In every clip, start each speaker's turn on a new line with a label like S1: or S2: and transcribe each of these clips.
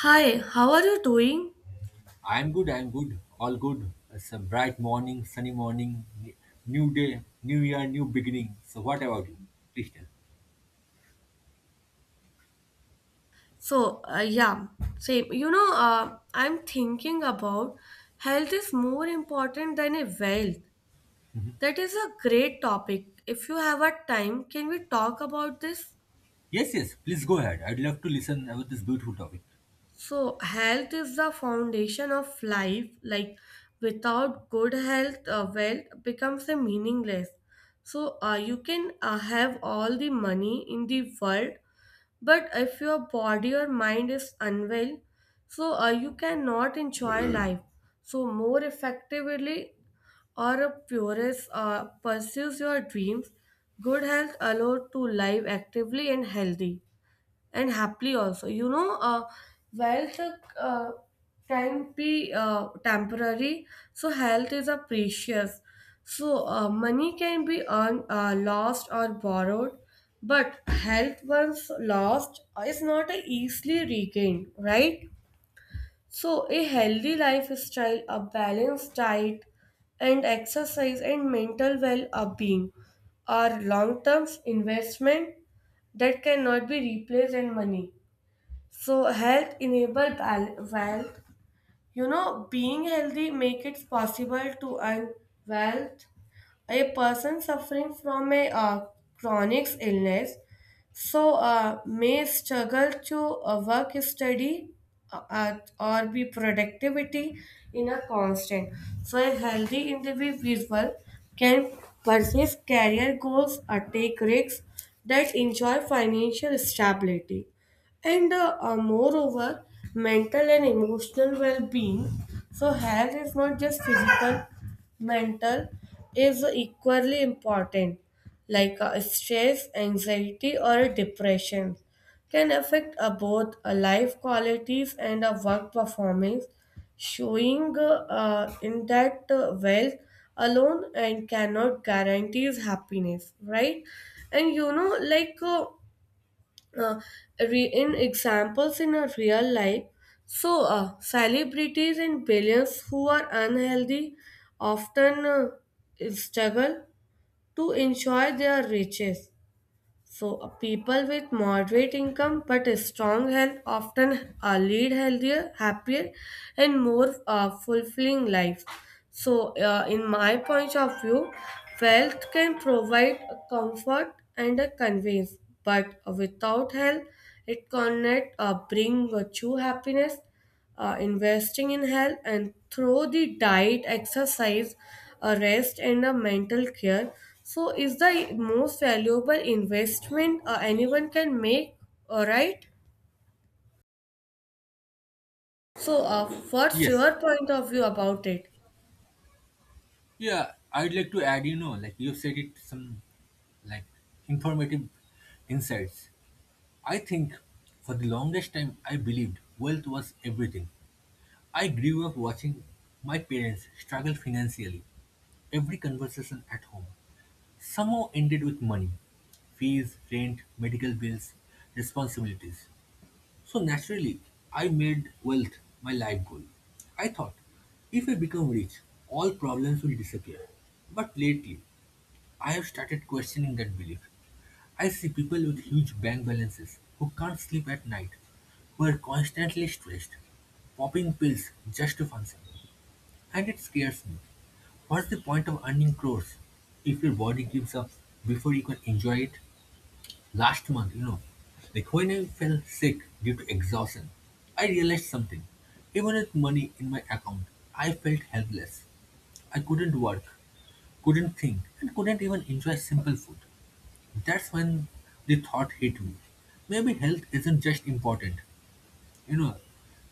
S1: Hi, how are you doing?
S2: I'm good, all good. It's a bright morning, sunny morning, new day, new year, new beginning. So, what about you? Please tell.
S1: So, same. I'm thinking about health is more important than a wealth. That is a great topic. If you have a time, can we talk about this?
S2: Yes, yes, please go ahead. I'd love to listen about this beautiful topic.
S1: So, health is the foundation of life. Like, without good health, wealth becomes a meaningless. You can have all the money in the world, but if your body or mind is unwell, you cannot enjoy life. So more effectively or a purist pursues your dreams, good health allows to live actively and healthy and happily also while the uh, time be temporary, so health is a precious, money can be earned, lost, or borrowed, but health once lost is not easily regained, right? So a healthy lifestyle, a balanced diet, and exercise, and mental well-being are long-term investment that cannot be replaced in money. So health enable wealth. You know, being healthy make it possible to earn wealth. A person suffering from a chronic illness, may struggle to work, study, or be productivity in a constant. So a healthy individual can pursue career goals or take risks that enjoy financial stability. And moreover, mental and emotional well-being. So health is not just physical, mental is equally important, like a stress, anxiety, or depression can affect both life qualities and a work performance, showing in that wealth alone and cannot guarantees happiness, right? and you know like uh, re- In examples in a real life. So, celebrities and billionaires who are unhealthy often struggle to enjoy their riches. So, people with moderate income but a strong health often lead healthier, happier, and more fulfilling lives. So, in my point of view, wealth can provide a comfort and a convenience, but without health, it cannot bring a true happiness. Investing in health and through the diet, exercise, a rest, and a mental care so is the most valuable investment anyone can make. All right, what's
S2: Yes,
S1: your point of view about it?
S2: yeah, I'd like to add, you know, like you've said it, some like informative insights. I think for the longest time, I believed wealth was everything. I grew up watching my parents struggle financially. Every conversation at home somehow ended with money. Fees, rent, medical bills, responsibilities. So naturally, I made wealth my life goal. I thought, if I become rich, all problems will disappear. But lately, I have started questioning that belief. I see people with huge bank balances who can't sleep at night, who are constantly stressed, popping pills just to function. And it scares me. What's the point of earning crores if your body gives up before you can enjoy it? Last month, you know, like when I fell sick due to exhaustion, I realized something. Even with money in my account, I felt helpless. I couldn't work, couldn't think, and couldn't even enjoy simple food. That's when the thought hit me. Maybe health isn't just important, you know,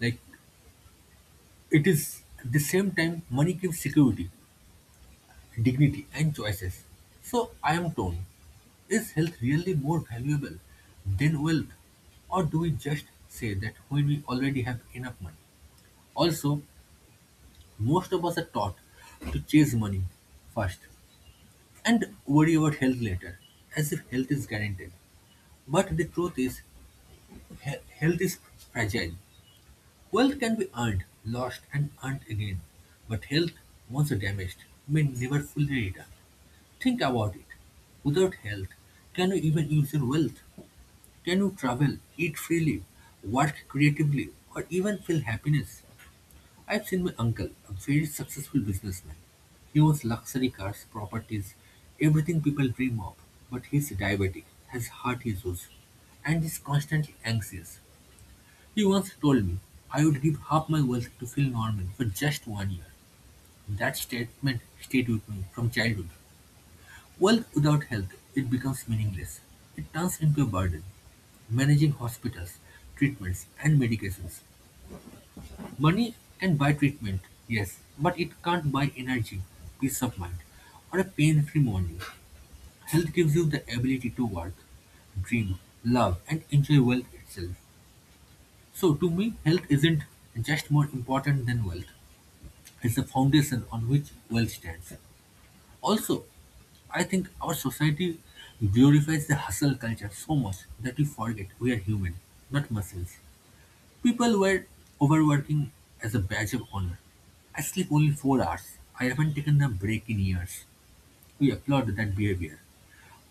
S2: like it is at the same time money gives security, dignity, and choices. So I am torn. Is health really more valuable than wealth? Or do we just say that when we already have enough money? Also, most of us are taught to chase money first and worry about health later, as if health is guaranteed. But the truth is, health is fragile. Wealth can be earned, lost, and earned again, but health, once damaged, may never fully return. Think about it. Without health, can you even use your wealth? Can you travel, eat freely, work creatively, or even feel happiness? I've seen my uncle, a very successful businessman. He owns luxury cars, properties, everything people dream of, but he's diabetic, has heart issues, and is constantly anxious. He once told me I would give half my wealth to Phil Norman for just 1 year. That statement stayed with me from childhood. Wealth without health, it becomes meaningless. It turns into a burden. Managing hospitals, treatments, and medications. Money can buy treatment, yes, but it can't buy energy, peace of mind, or a pain-free morning. Health gives you the ability to work, dream, love, and enjoy wealth itself. So, to me, health isn't just more important than wealth. It's the foundation on which wealth stands. Also, I think our society glorifies the hustle culture so much that we forget we are human, not machines. People were overworking as a badge of honor. I sleep only 4 hours. I haven't taken a break in years. We applaud that behavior.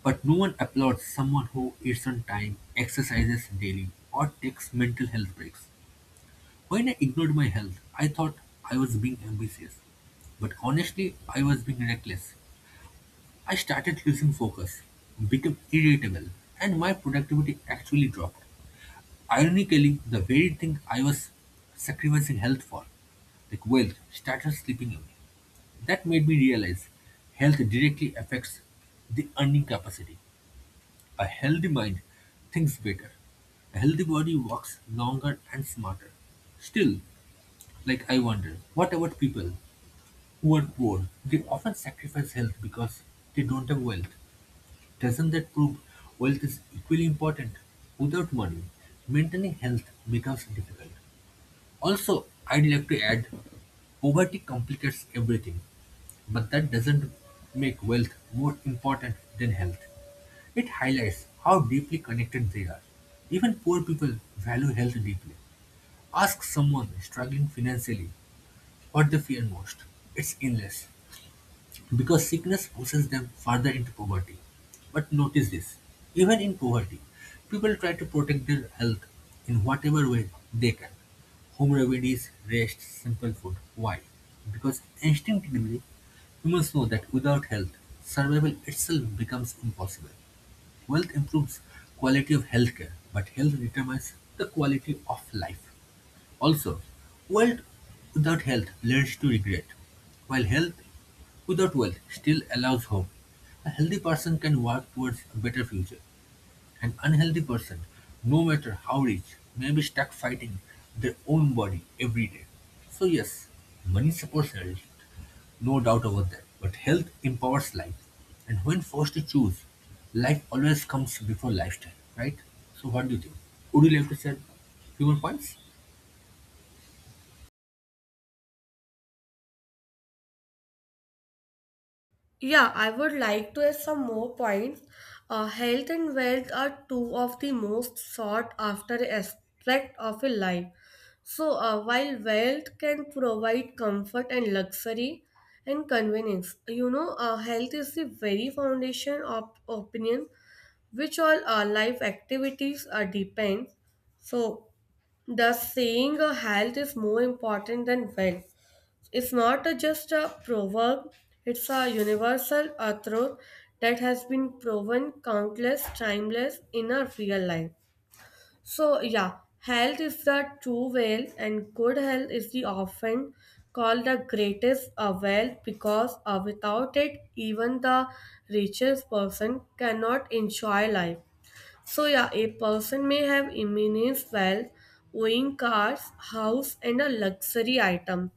S2: But no one applauds someone who eats on time, exercises daily, or takes mental health breaks. When I ignored my health, I thought I was being ambitious. But honestly, I was being reckless. I started losing focus, became irritable, and my productivity actually dropped. Ironically, the very thing I was sacrificing health for, like wealth, started slipping away. That made me realize health directly affects the earning capacity. A healthy mind thinks better. A healthy body works longer and smarter. Still, like, I wonder, what about people who are poor? They often sacrifice health because they don't have wealth. Doesn't that prove wealth is equally important? Without money, maintaining health becomes difficult. Also, I'd like to add, poverty complicates everything, but that doesn't make wealth more important than health. It highlights how deeply connected they are. Even poor people value health deeply. Ask someone struggling financially what they fear most. It's illness, because sickness pushes them further into poverty. But notice this, even in poverty, people try to protect their health in whatever way they can. Home remedies, rest, simple food. Why? Because instinctively, humans know that without health, survival itself becomes impossible. Wealth improves quality of healthcare, but health determines the quality of life. Also, wealth without health leads to regret, while health without wealth still allows hope. A healthy person can work towards a better future. An unhealthy person, no matter how rich, may be stuck fighting their own body every day. So, yes, money supports health, no doubt about that. But health empowers life. And when forced to choose, life always comes before lifestyle, right? So, what do you think? Would you like to share few more points?
S1: Yeah, I would like to add some more points. Health and wealth are two of the most sought after aspects of a life. So, while wealth can provide comfort and luxury and convenience, you know, health is the very foundation of opinion, which all our life activities are depend. So, thus saying, health is more important than wealth. It's not a, just a proverb, it's a universal a truth that has been proven countless timeless in our real life. So yeah, health is the true wealth, and good health is the often called the greatest wealth because without it even the richest person cannot enjoy life. So, yeah, a person may have immense wealth, owning cars, house, and a luxury items.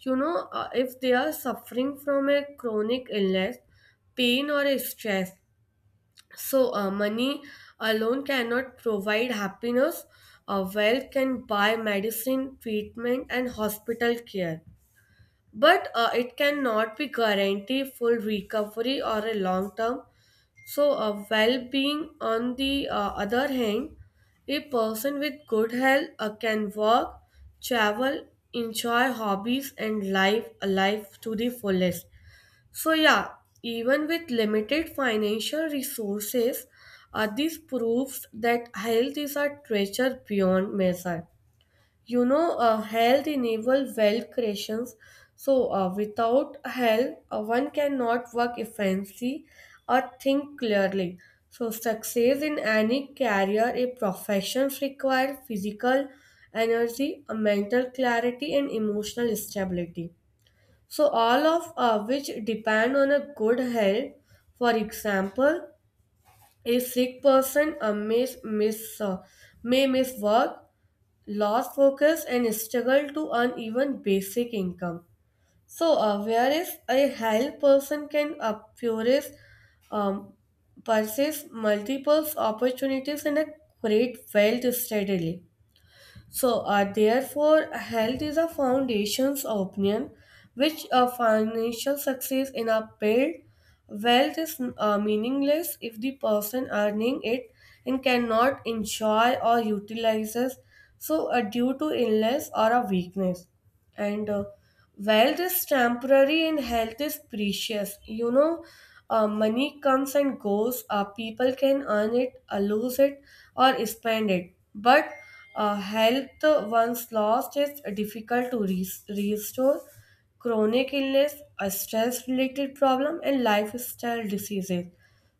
S1: You know, if they are suffering from a chronic illness, pain, or a stress, money alone cannot provide happiness. Wealth can buy medicine, treatment, and hospital care, but it cannot be guarantee full recovery or a long term so, well being. On the other hand, a person with good health can work, travel, enjoy hobbies, and live a life to the fullest. So, yeah, even with limited financial resources, this proves that health is a treasure beyond measure. You know, health enable wealth creations, without health one cannot work efficiently or think clearly. So success in any career, a profession, require physical energy, a mental clarity, and emotional stability, so all of which depend on a good health. For example, a sick person may miss work, lost focus, and struggle to earn even basic income. So, whereas a health person can pursue, um, pursue multiple opportunities and create wealth steadily. So, therefore, health is a foundation's opinion which financial success in a build. Wealth is meaningless if the person earning it and cannot enjoy or utilizes, due to illness or a weakness. And wealth is temporary and health is precious. You know, money comes and goes, people can earn it, lose it, or spend it, but health once lost is difficult to restore. Chronic illness, a stress related problem, and lifestyle diseases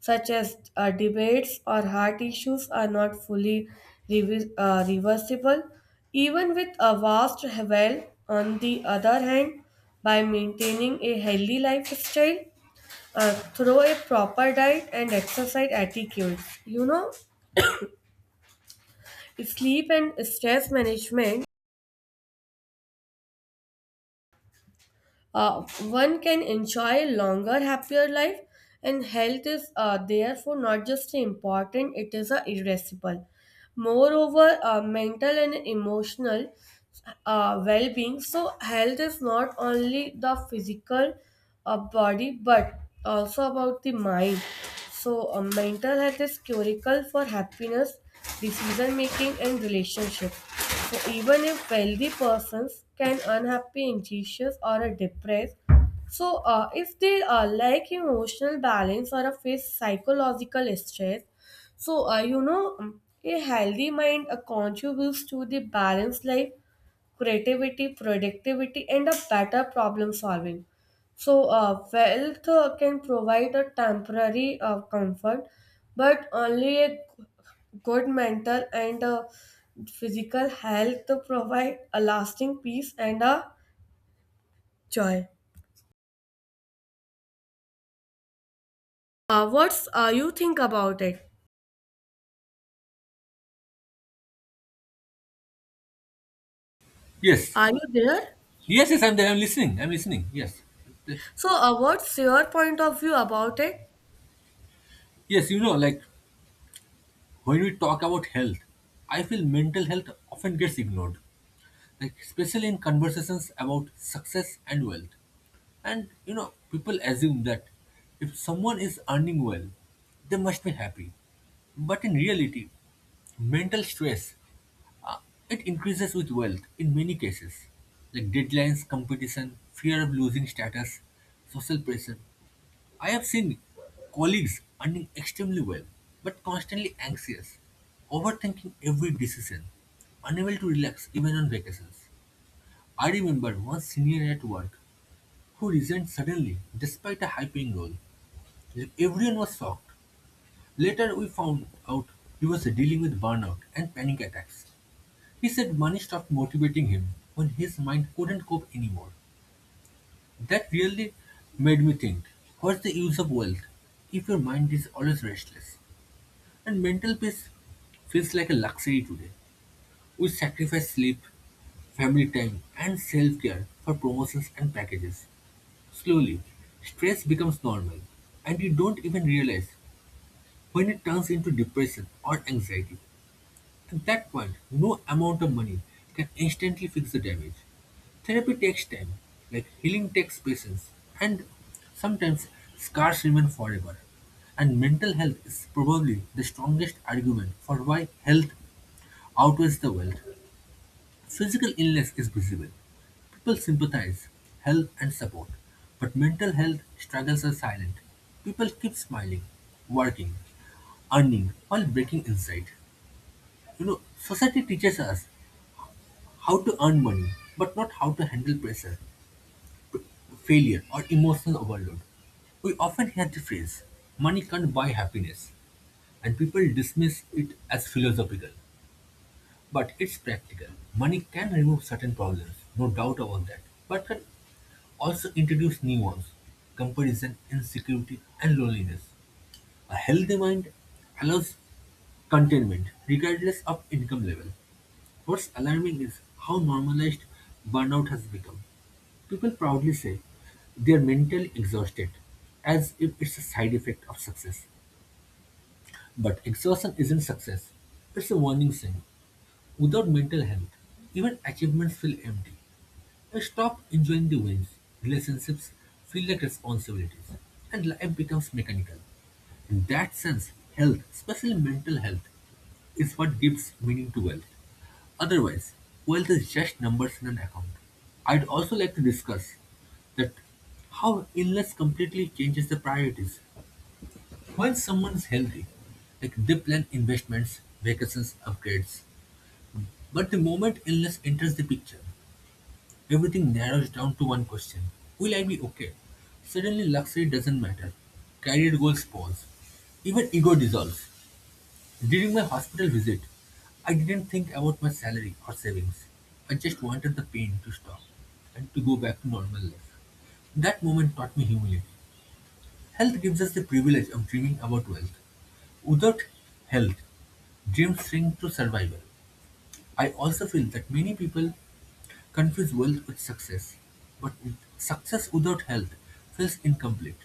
S1: such as debates or heart issues, are not fully reversible. Even with a vast wealth, on the other hand, by maintaining a healthy lifestyle through a proper diet and exercise etiquette, you know, sleep and stress management, uh, one can enjoy a longer, happier life. And health is therefore not just important, it is irreplaceable. Moreover, mental and emotional well being. So, health is not only the physical body but also about the mind. So, mental health is curical for happiness, decision making, and relationship. So even if wealthy persons can unhappy, anxious, or a depressed, if they lack emotional balance or a face psychological stress, a healthy mind contributes to the balanced life, creativity, productivity, and a better problem solving. So, wealth can provide a temporary comfort, but only a good mental and physical health to provide a lasting peace and a joy. What's you think about it?
S2: Yes.
S1: Are you there?
S2: Yes, yes, I'm there. I'm listening. I'm listening. Yes.
S1: So, what's your point of view about it?
S2: Yes, you know, like when we talk about health, I feel mental health often gets ignored, like especially in conversations about success and wealth. And you know, people assume that if someone is earning well, they must be happy. But in reality, mental stress uh, it increases with wealth in many cases, like deadlines, competition, fear of losing status, social pressure. I have seen colleagues earning extremely well, but constantly anxious, overthinking every decision, unable to relax even on vacations. I remember one senior at work who resigned suddenly despite a high paying role. Everyone was shocked. Later, we found out he was dealing with burnout and panic attacks. He said money stopped motivating him when his mind couldn't cope anymore. That really made me think, what's the use of wealth if your mind is always restless? And mental peace feels like a luxury today. We sacrifice sleep, family time, and self care for promotions and packages. Slowly, stress becomes normal, and you don't even realize when it turns into depression or anxiety. At that point, no amount of money can instantly fix the damage. Therapy takes time, like healing takes patience, and sometimes scars remain forever. And mental health is probably the strongest argument for why health outweighs the wealth. Physical illness is visible. People sympathize, help, and support, but mental health struggles are silent. People keep smiling, working, earning while breaking inside. You know, society teaches us how to earn money, but not how to handle pressure, failure, or emotional overload. We often hear the phrase, money can't buy happiness, and people dismiss it as philosophical. But it's practical. Money can remove certain problems, no doubt about that, but can also introduce new ones, comparison, insecurity, and loneliness. A healthy mind allows contentment regardless of income level. What's alarming is how normalized burnout has become. People proudly say they're mentally exhausted, as if it's a side effect of success. But exhaustion isn't success, it's a warning sign. Without mental health, even achievements feel empty. I stop enjoying the wins, relationships feel like responsibilities, and life becomes mechanical. In that sense, health, especially mental health, is what gives meaning to wealth. Otherwise, wealth is just numbers in an account. I'd also like to discuss that how illness completely changes the priorities. When someone is healthy, like they plan investments, vacations, upgrades. But the moment illness enters the picture, everything narrows down to one question, will I be okay? Suddenly, luxury doesn't matter. Career goals pause. Even ego dissolves. During my hospital visit, I didn't think about my salary or savings. I just wanted the pain to stop and to go back to normal life. That moment taught me humility. Health gives us the privilege of dreaming about wealth. Without health, dreams shrink to survival. I also feel that many people confuse wealth with success, but success without health feels incomplete.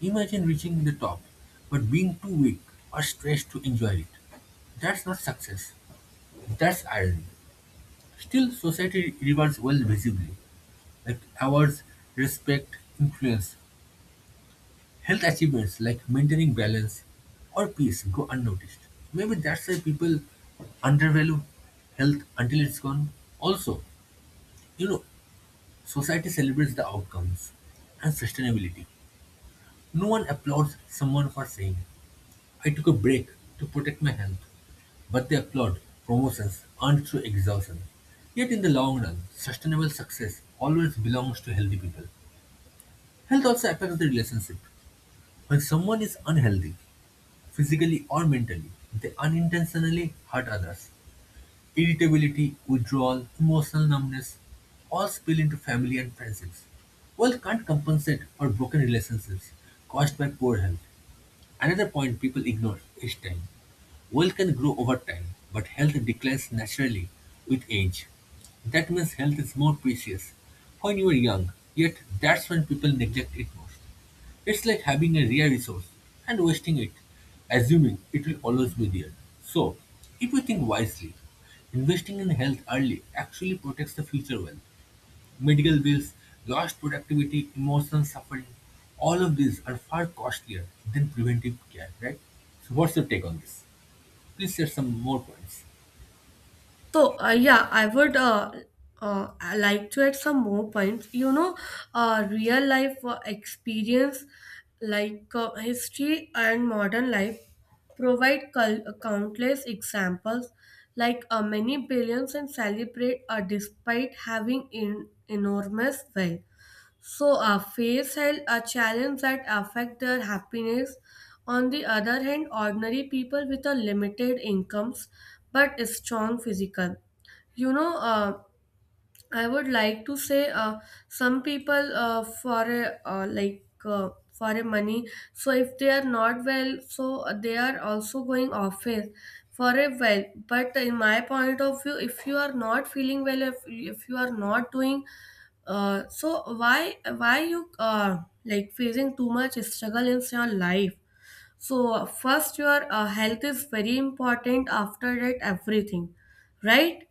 S2: Imagine reaching the top, but being too weak or stressed to enjoy it. That's not success. That's irony. Still, society rewards wealth visibly, like awards, respect, influence. Health achievements like maintaining balance or peace go unnoticed. Maybe that's why people undervalue health until it's gone. Also, you know, society celebrates the outcomes and sustainability. No one applauds someone for saying, I took a break to protect my health, but they applaud promotions earned through exhaustion. Yet, in the long run, sustainable success always belongs to healthy people. Health also affects the relationship. When someone is unhealthy, physically or mentally, they unintentionally hurt others. Irritability, withdrawal, emotional numbness all spill into family and friendships. Wealth can't compensate for broken relationships caused by poor health. Another point people ignore is time. Wealth can grow over time, but health declines naturally with age. That means health is more precious when you are young, yet that's when people neglect it most. It's like having a rare resource and wasting it, assuming it will always be there. So, if you think wisely, investing in health early actually protects the future wealth, medical bills, lost productivity, emotional suffering. All of these are far costlier than preventive care, right? So, what's your take on this? Please share some more points.
S1: So, yeah, I like to add some more points. You know, real life experience like history and modern life provide countless examples, like many billions and celebrate despite having enormous wealth, so our face held a challenge that affect their happiness. On the other hand, ordinary people with a limited incomes but a strong physical. You know, I would like to say some people for a money. So if they are not well, so they are also going office for a well. But in my point of view, if you are not feeling well, if you are not doing, so why you like facing too much struggle in your life? First, your health is very important. After that, everything, right?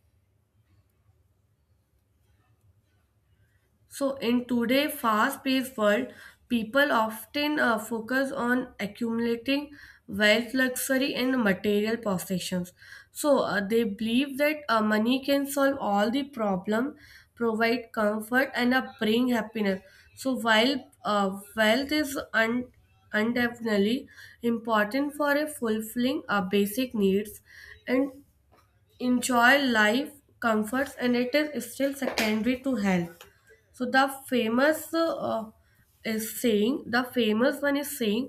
S1: So, in today's fast-paced world, people often focus on accumulating wealth, luxury, and material possessions. So, they believe that money can solve all the problem, provide comfort, and bring happiness. So, while wealth is undoubtedly important for a fulfilling basic needs, and enjoy life comforts, and it is still secondary to health. So the famous is saying the famous one is saying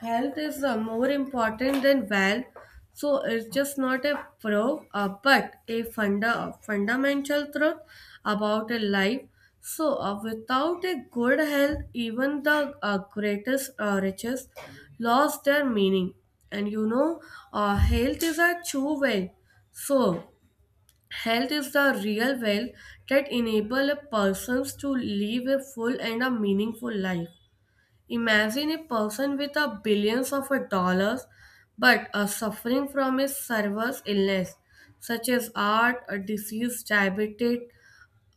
S1: health is more important than wealth, so it's just not a pro but a fundamental truth about a life. So without a good health, even the greatest riches lost their meaning. And you know, health is a true wealth. So health is the real wealth that enable a persons to live a full and a meaningful life. Imagine a person with a billions of a dollars but are suffering from a serious illness such as heart, a disease, diabetes,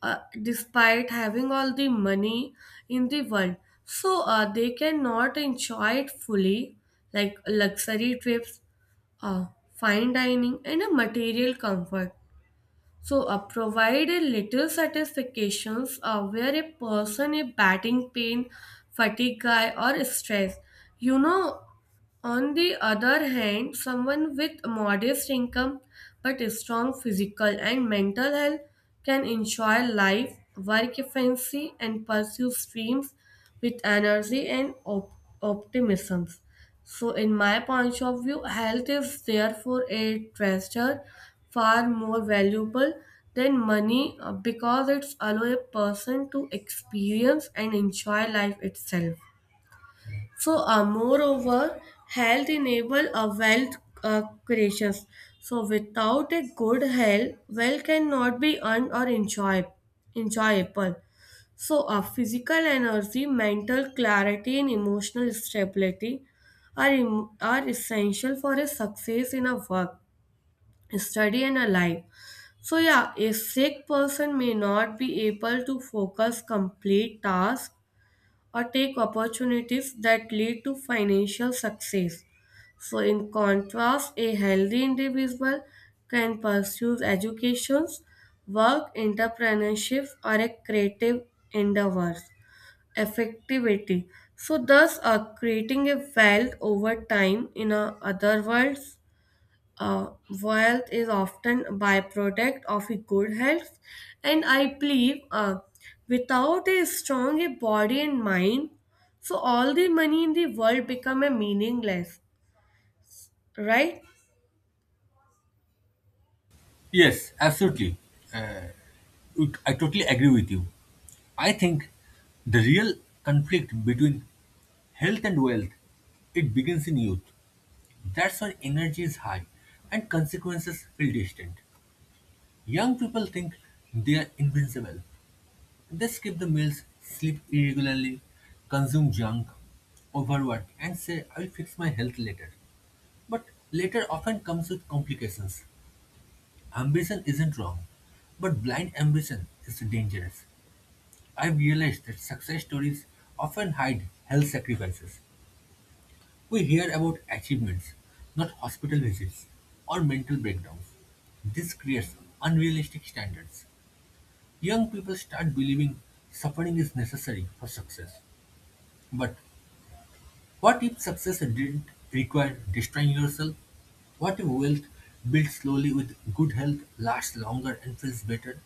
S1: despite having all the money in the world. So they cannot enjoy it fully, like luxury trips, uh, fine dining, and a material comfort. So, provided little satisfactions where a person is batting pain, fatigue, guy, or stress. You know, on the other hand, someone with modest income but strong physical and mental health can enjoy life, work efficiently, and pursue dreams with energy and optimism. So, in my point of view, health is therefore a treasure far more valuable than money because it allows a person to experience and enjoy life itself. So, moreover, health enable a wealth creations. So, without a good health, wealth cannot be earned or enjoyed, enjoyable. So, physical energy, mental clarity, and emotional stability are essential for a success in a work, study, and a life. So, yeah, a sick person may not be able to focus complete tasks or take opportunities that lead to financial success. So, in contrast, a healthy individual can pursue educations, work, entrepreneurship, or a creative endeavors. Effectivity. So, thus, creating a wealth over time in a other worlds, uh, wealth is often a byproduct of a good health, and I believe without a strong a body and mind, so all the money in the world become a meaningless, right?
S2: Yes, absolutely. I totally agree with you. I think the real conflict between health and wealth, it begins in youth. That's when energy is high and consequences feel distant. Young people think they are invincible. They skip the meals, sleep irregularly, consume junk, overwork, and say, I'll fix my health later. But later often comes with complications. Ambition isn't wrong, but blind ambition is dangerous. I've realized that success stories often hide health sacrifices. We hear about achievements, not hospital visits or mental breakdowns. This creates unrealistic standards. Young people start believing suffering is necessary for success, but what if success didn't require destroying yourself? What if wealth built slowly with good health lasts longer and feels better?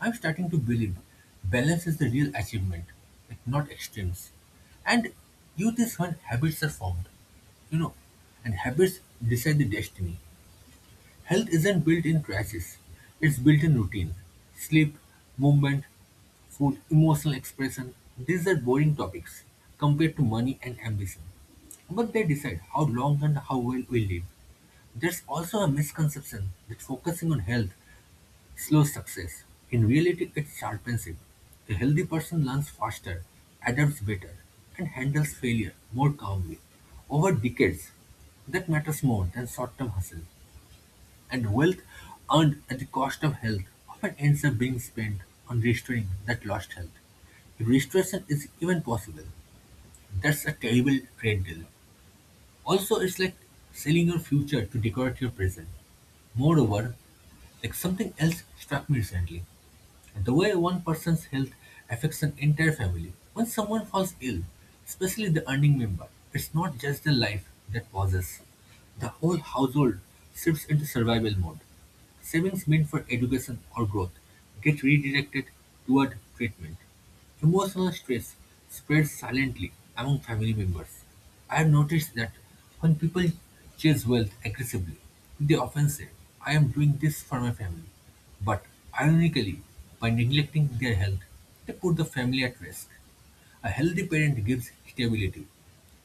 S2: I'm starting to believe balance is the real achievement, like not extremes. And youth is when habits are formed, you know, and habits decide the destiny. Health isn't built in crashes, it's built in routine. Sleep, movement, food, emotional expression, these are boring topics compared to money and ambition. But they decide how long and how well we live. There's also a misconception that focusing on health slows success. In reality, it sharpens it. A healthy person learns faster, adapts better, and handles failure more calmly. Over decades, that matters more than short term hustle, and wealth earned at the cost of health often ends up being spent on restoring that lost health. If restoration is even possible, that's a terrible trade deal. Also, it's like selling your future to decorate your present. Moreover, like something else struck me recently. The way one person's health affects an entire family. When someone falls ill, especially the earning member, it's not just the life that pauses. The whole household shifts into survival mode. Savings meant for education or growth get redirected toward treatment. Emotional stress spreads silently among family members. I have noticed that when people chase wealth aggressively, they often say, I am doing this for my family. But ironically, by neglecting their health, they put the family at risk. A healthy parent gives stability,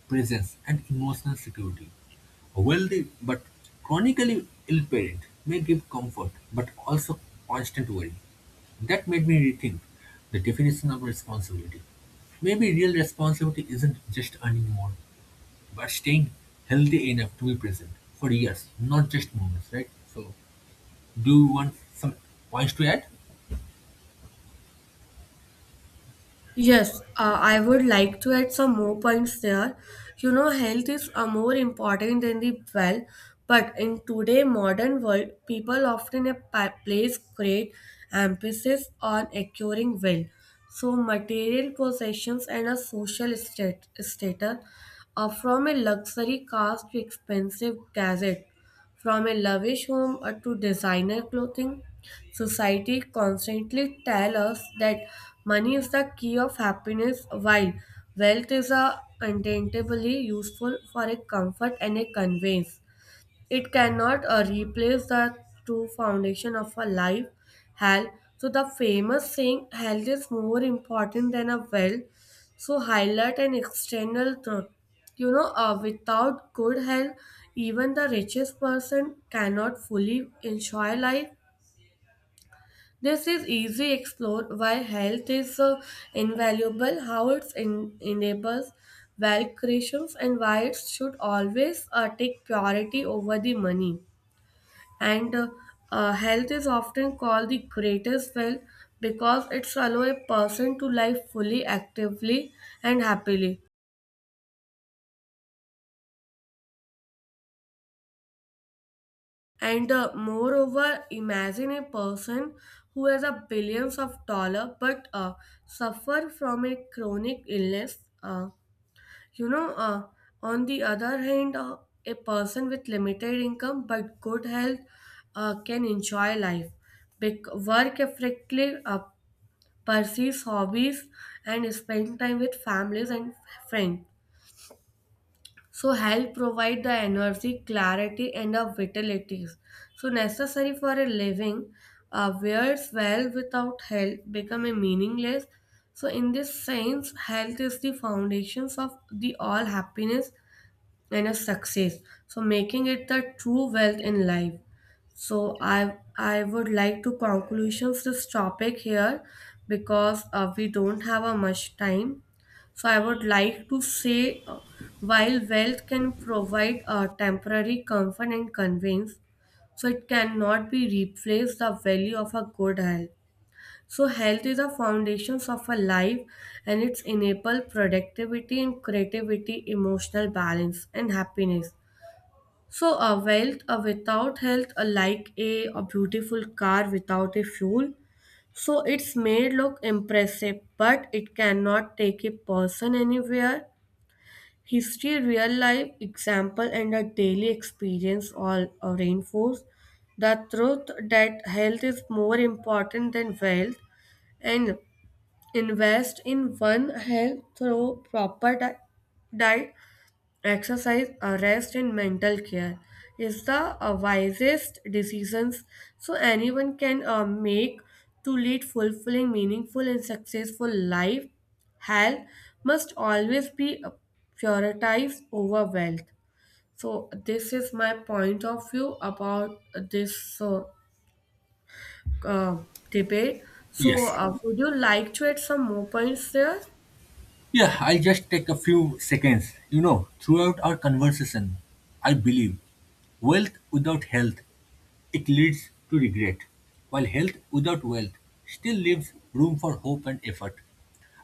S2: presence, and emotional security. A wealthy but chronically ill parent may give comfort but also constant worry. That made me rethink the definition of responsibility. Maybe real responsibility isn't just earning more, but staying healthy enough to be present for years, not just moments, right? So, do you want some points to add?
S1: Yes, I would like to add some more points there. You know, health is more important than the well, but in today modern world, people often place great emphasis on acquiring wealth. So, material possessions and a social status, from a luxury cars to expensive gadgets, from a lavish home to designer clothing. Society constantly tell us that money is the key of happiness while wealth is a untaintably useful for a comfort and a conveyance. It cannot replace the true foundation of a life, health. So the famous saying health is more important than a wealth, so highlight an external truth. You know, without good health, even the richest person cannot fully enjoy life. This is easy explored why health is so invaluable, how it enables wealth creations, and why it should always take priority over the money. And health is often called the greatest wealth because it's allow a person to live fully, actively, and happily. And moreover, imagine a person who has a billions of dollar but suffer from a chronic illness. You know, uh, on the other hand, a person with limited income but good health can enjoy life, work effectively, pursue hobbies, and spend time with families and friends. So, health provide the energy, clarity, and the vitalities. So, necessary for a living, wears well without health become a meaningless. So, in this sense, health is the foundations of the all happiness and a success, so making it the true wealth in life. So I would like to conclusions this topic here because we don't have a much time. So I would like to say while wealth can provide a temporary comfort and convenience, so it cannot be replaced the value of a good health. So health is the foundations of a life, and it's enable productivity and creativity, emotional balance, and happiness. So a wealth without health like a beautiful car without a fuel. So it's made look impressive but it cannot take a person anywhere. History, real life example, and a daily experience all reinforce the truth that health is more important than wealth. And invest in one health through proper diet, exercise, rest, and mental care is the wisest decisions so anyone can make to lead fulfilling, meaningful, and successful life. Health must always be prioritized over wealth. So this is my point of view about this uh, debate. So
S2: Yes.
S1: would you like to add some more points there?
S2: Yeah, I'll just take a few seconds. You know, throughout our conversation, I believe wealth without health, it leads to regret, while health without wealth still leaves room for hope and effort.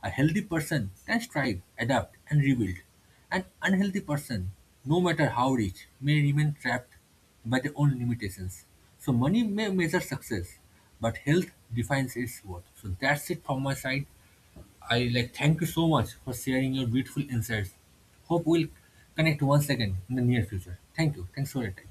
S2: A healthy person can strive, adapt, and rebuild. An unhealthy person, no matter how rich, may remain trapped by their own limitations. So, money may measure success, but health defines its worth. So, that's it from my side. I like thank you so much for sharing your beautiful insights. Hope we'll connect once again in the near future. Thank you. Thanks for your time.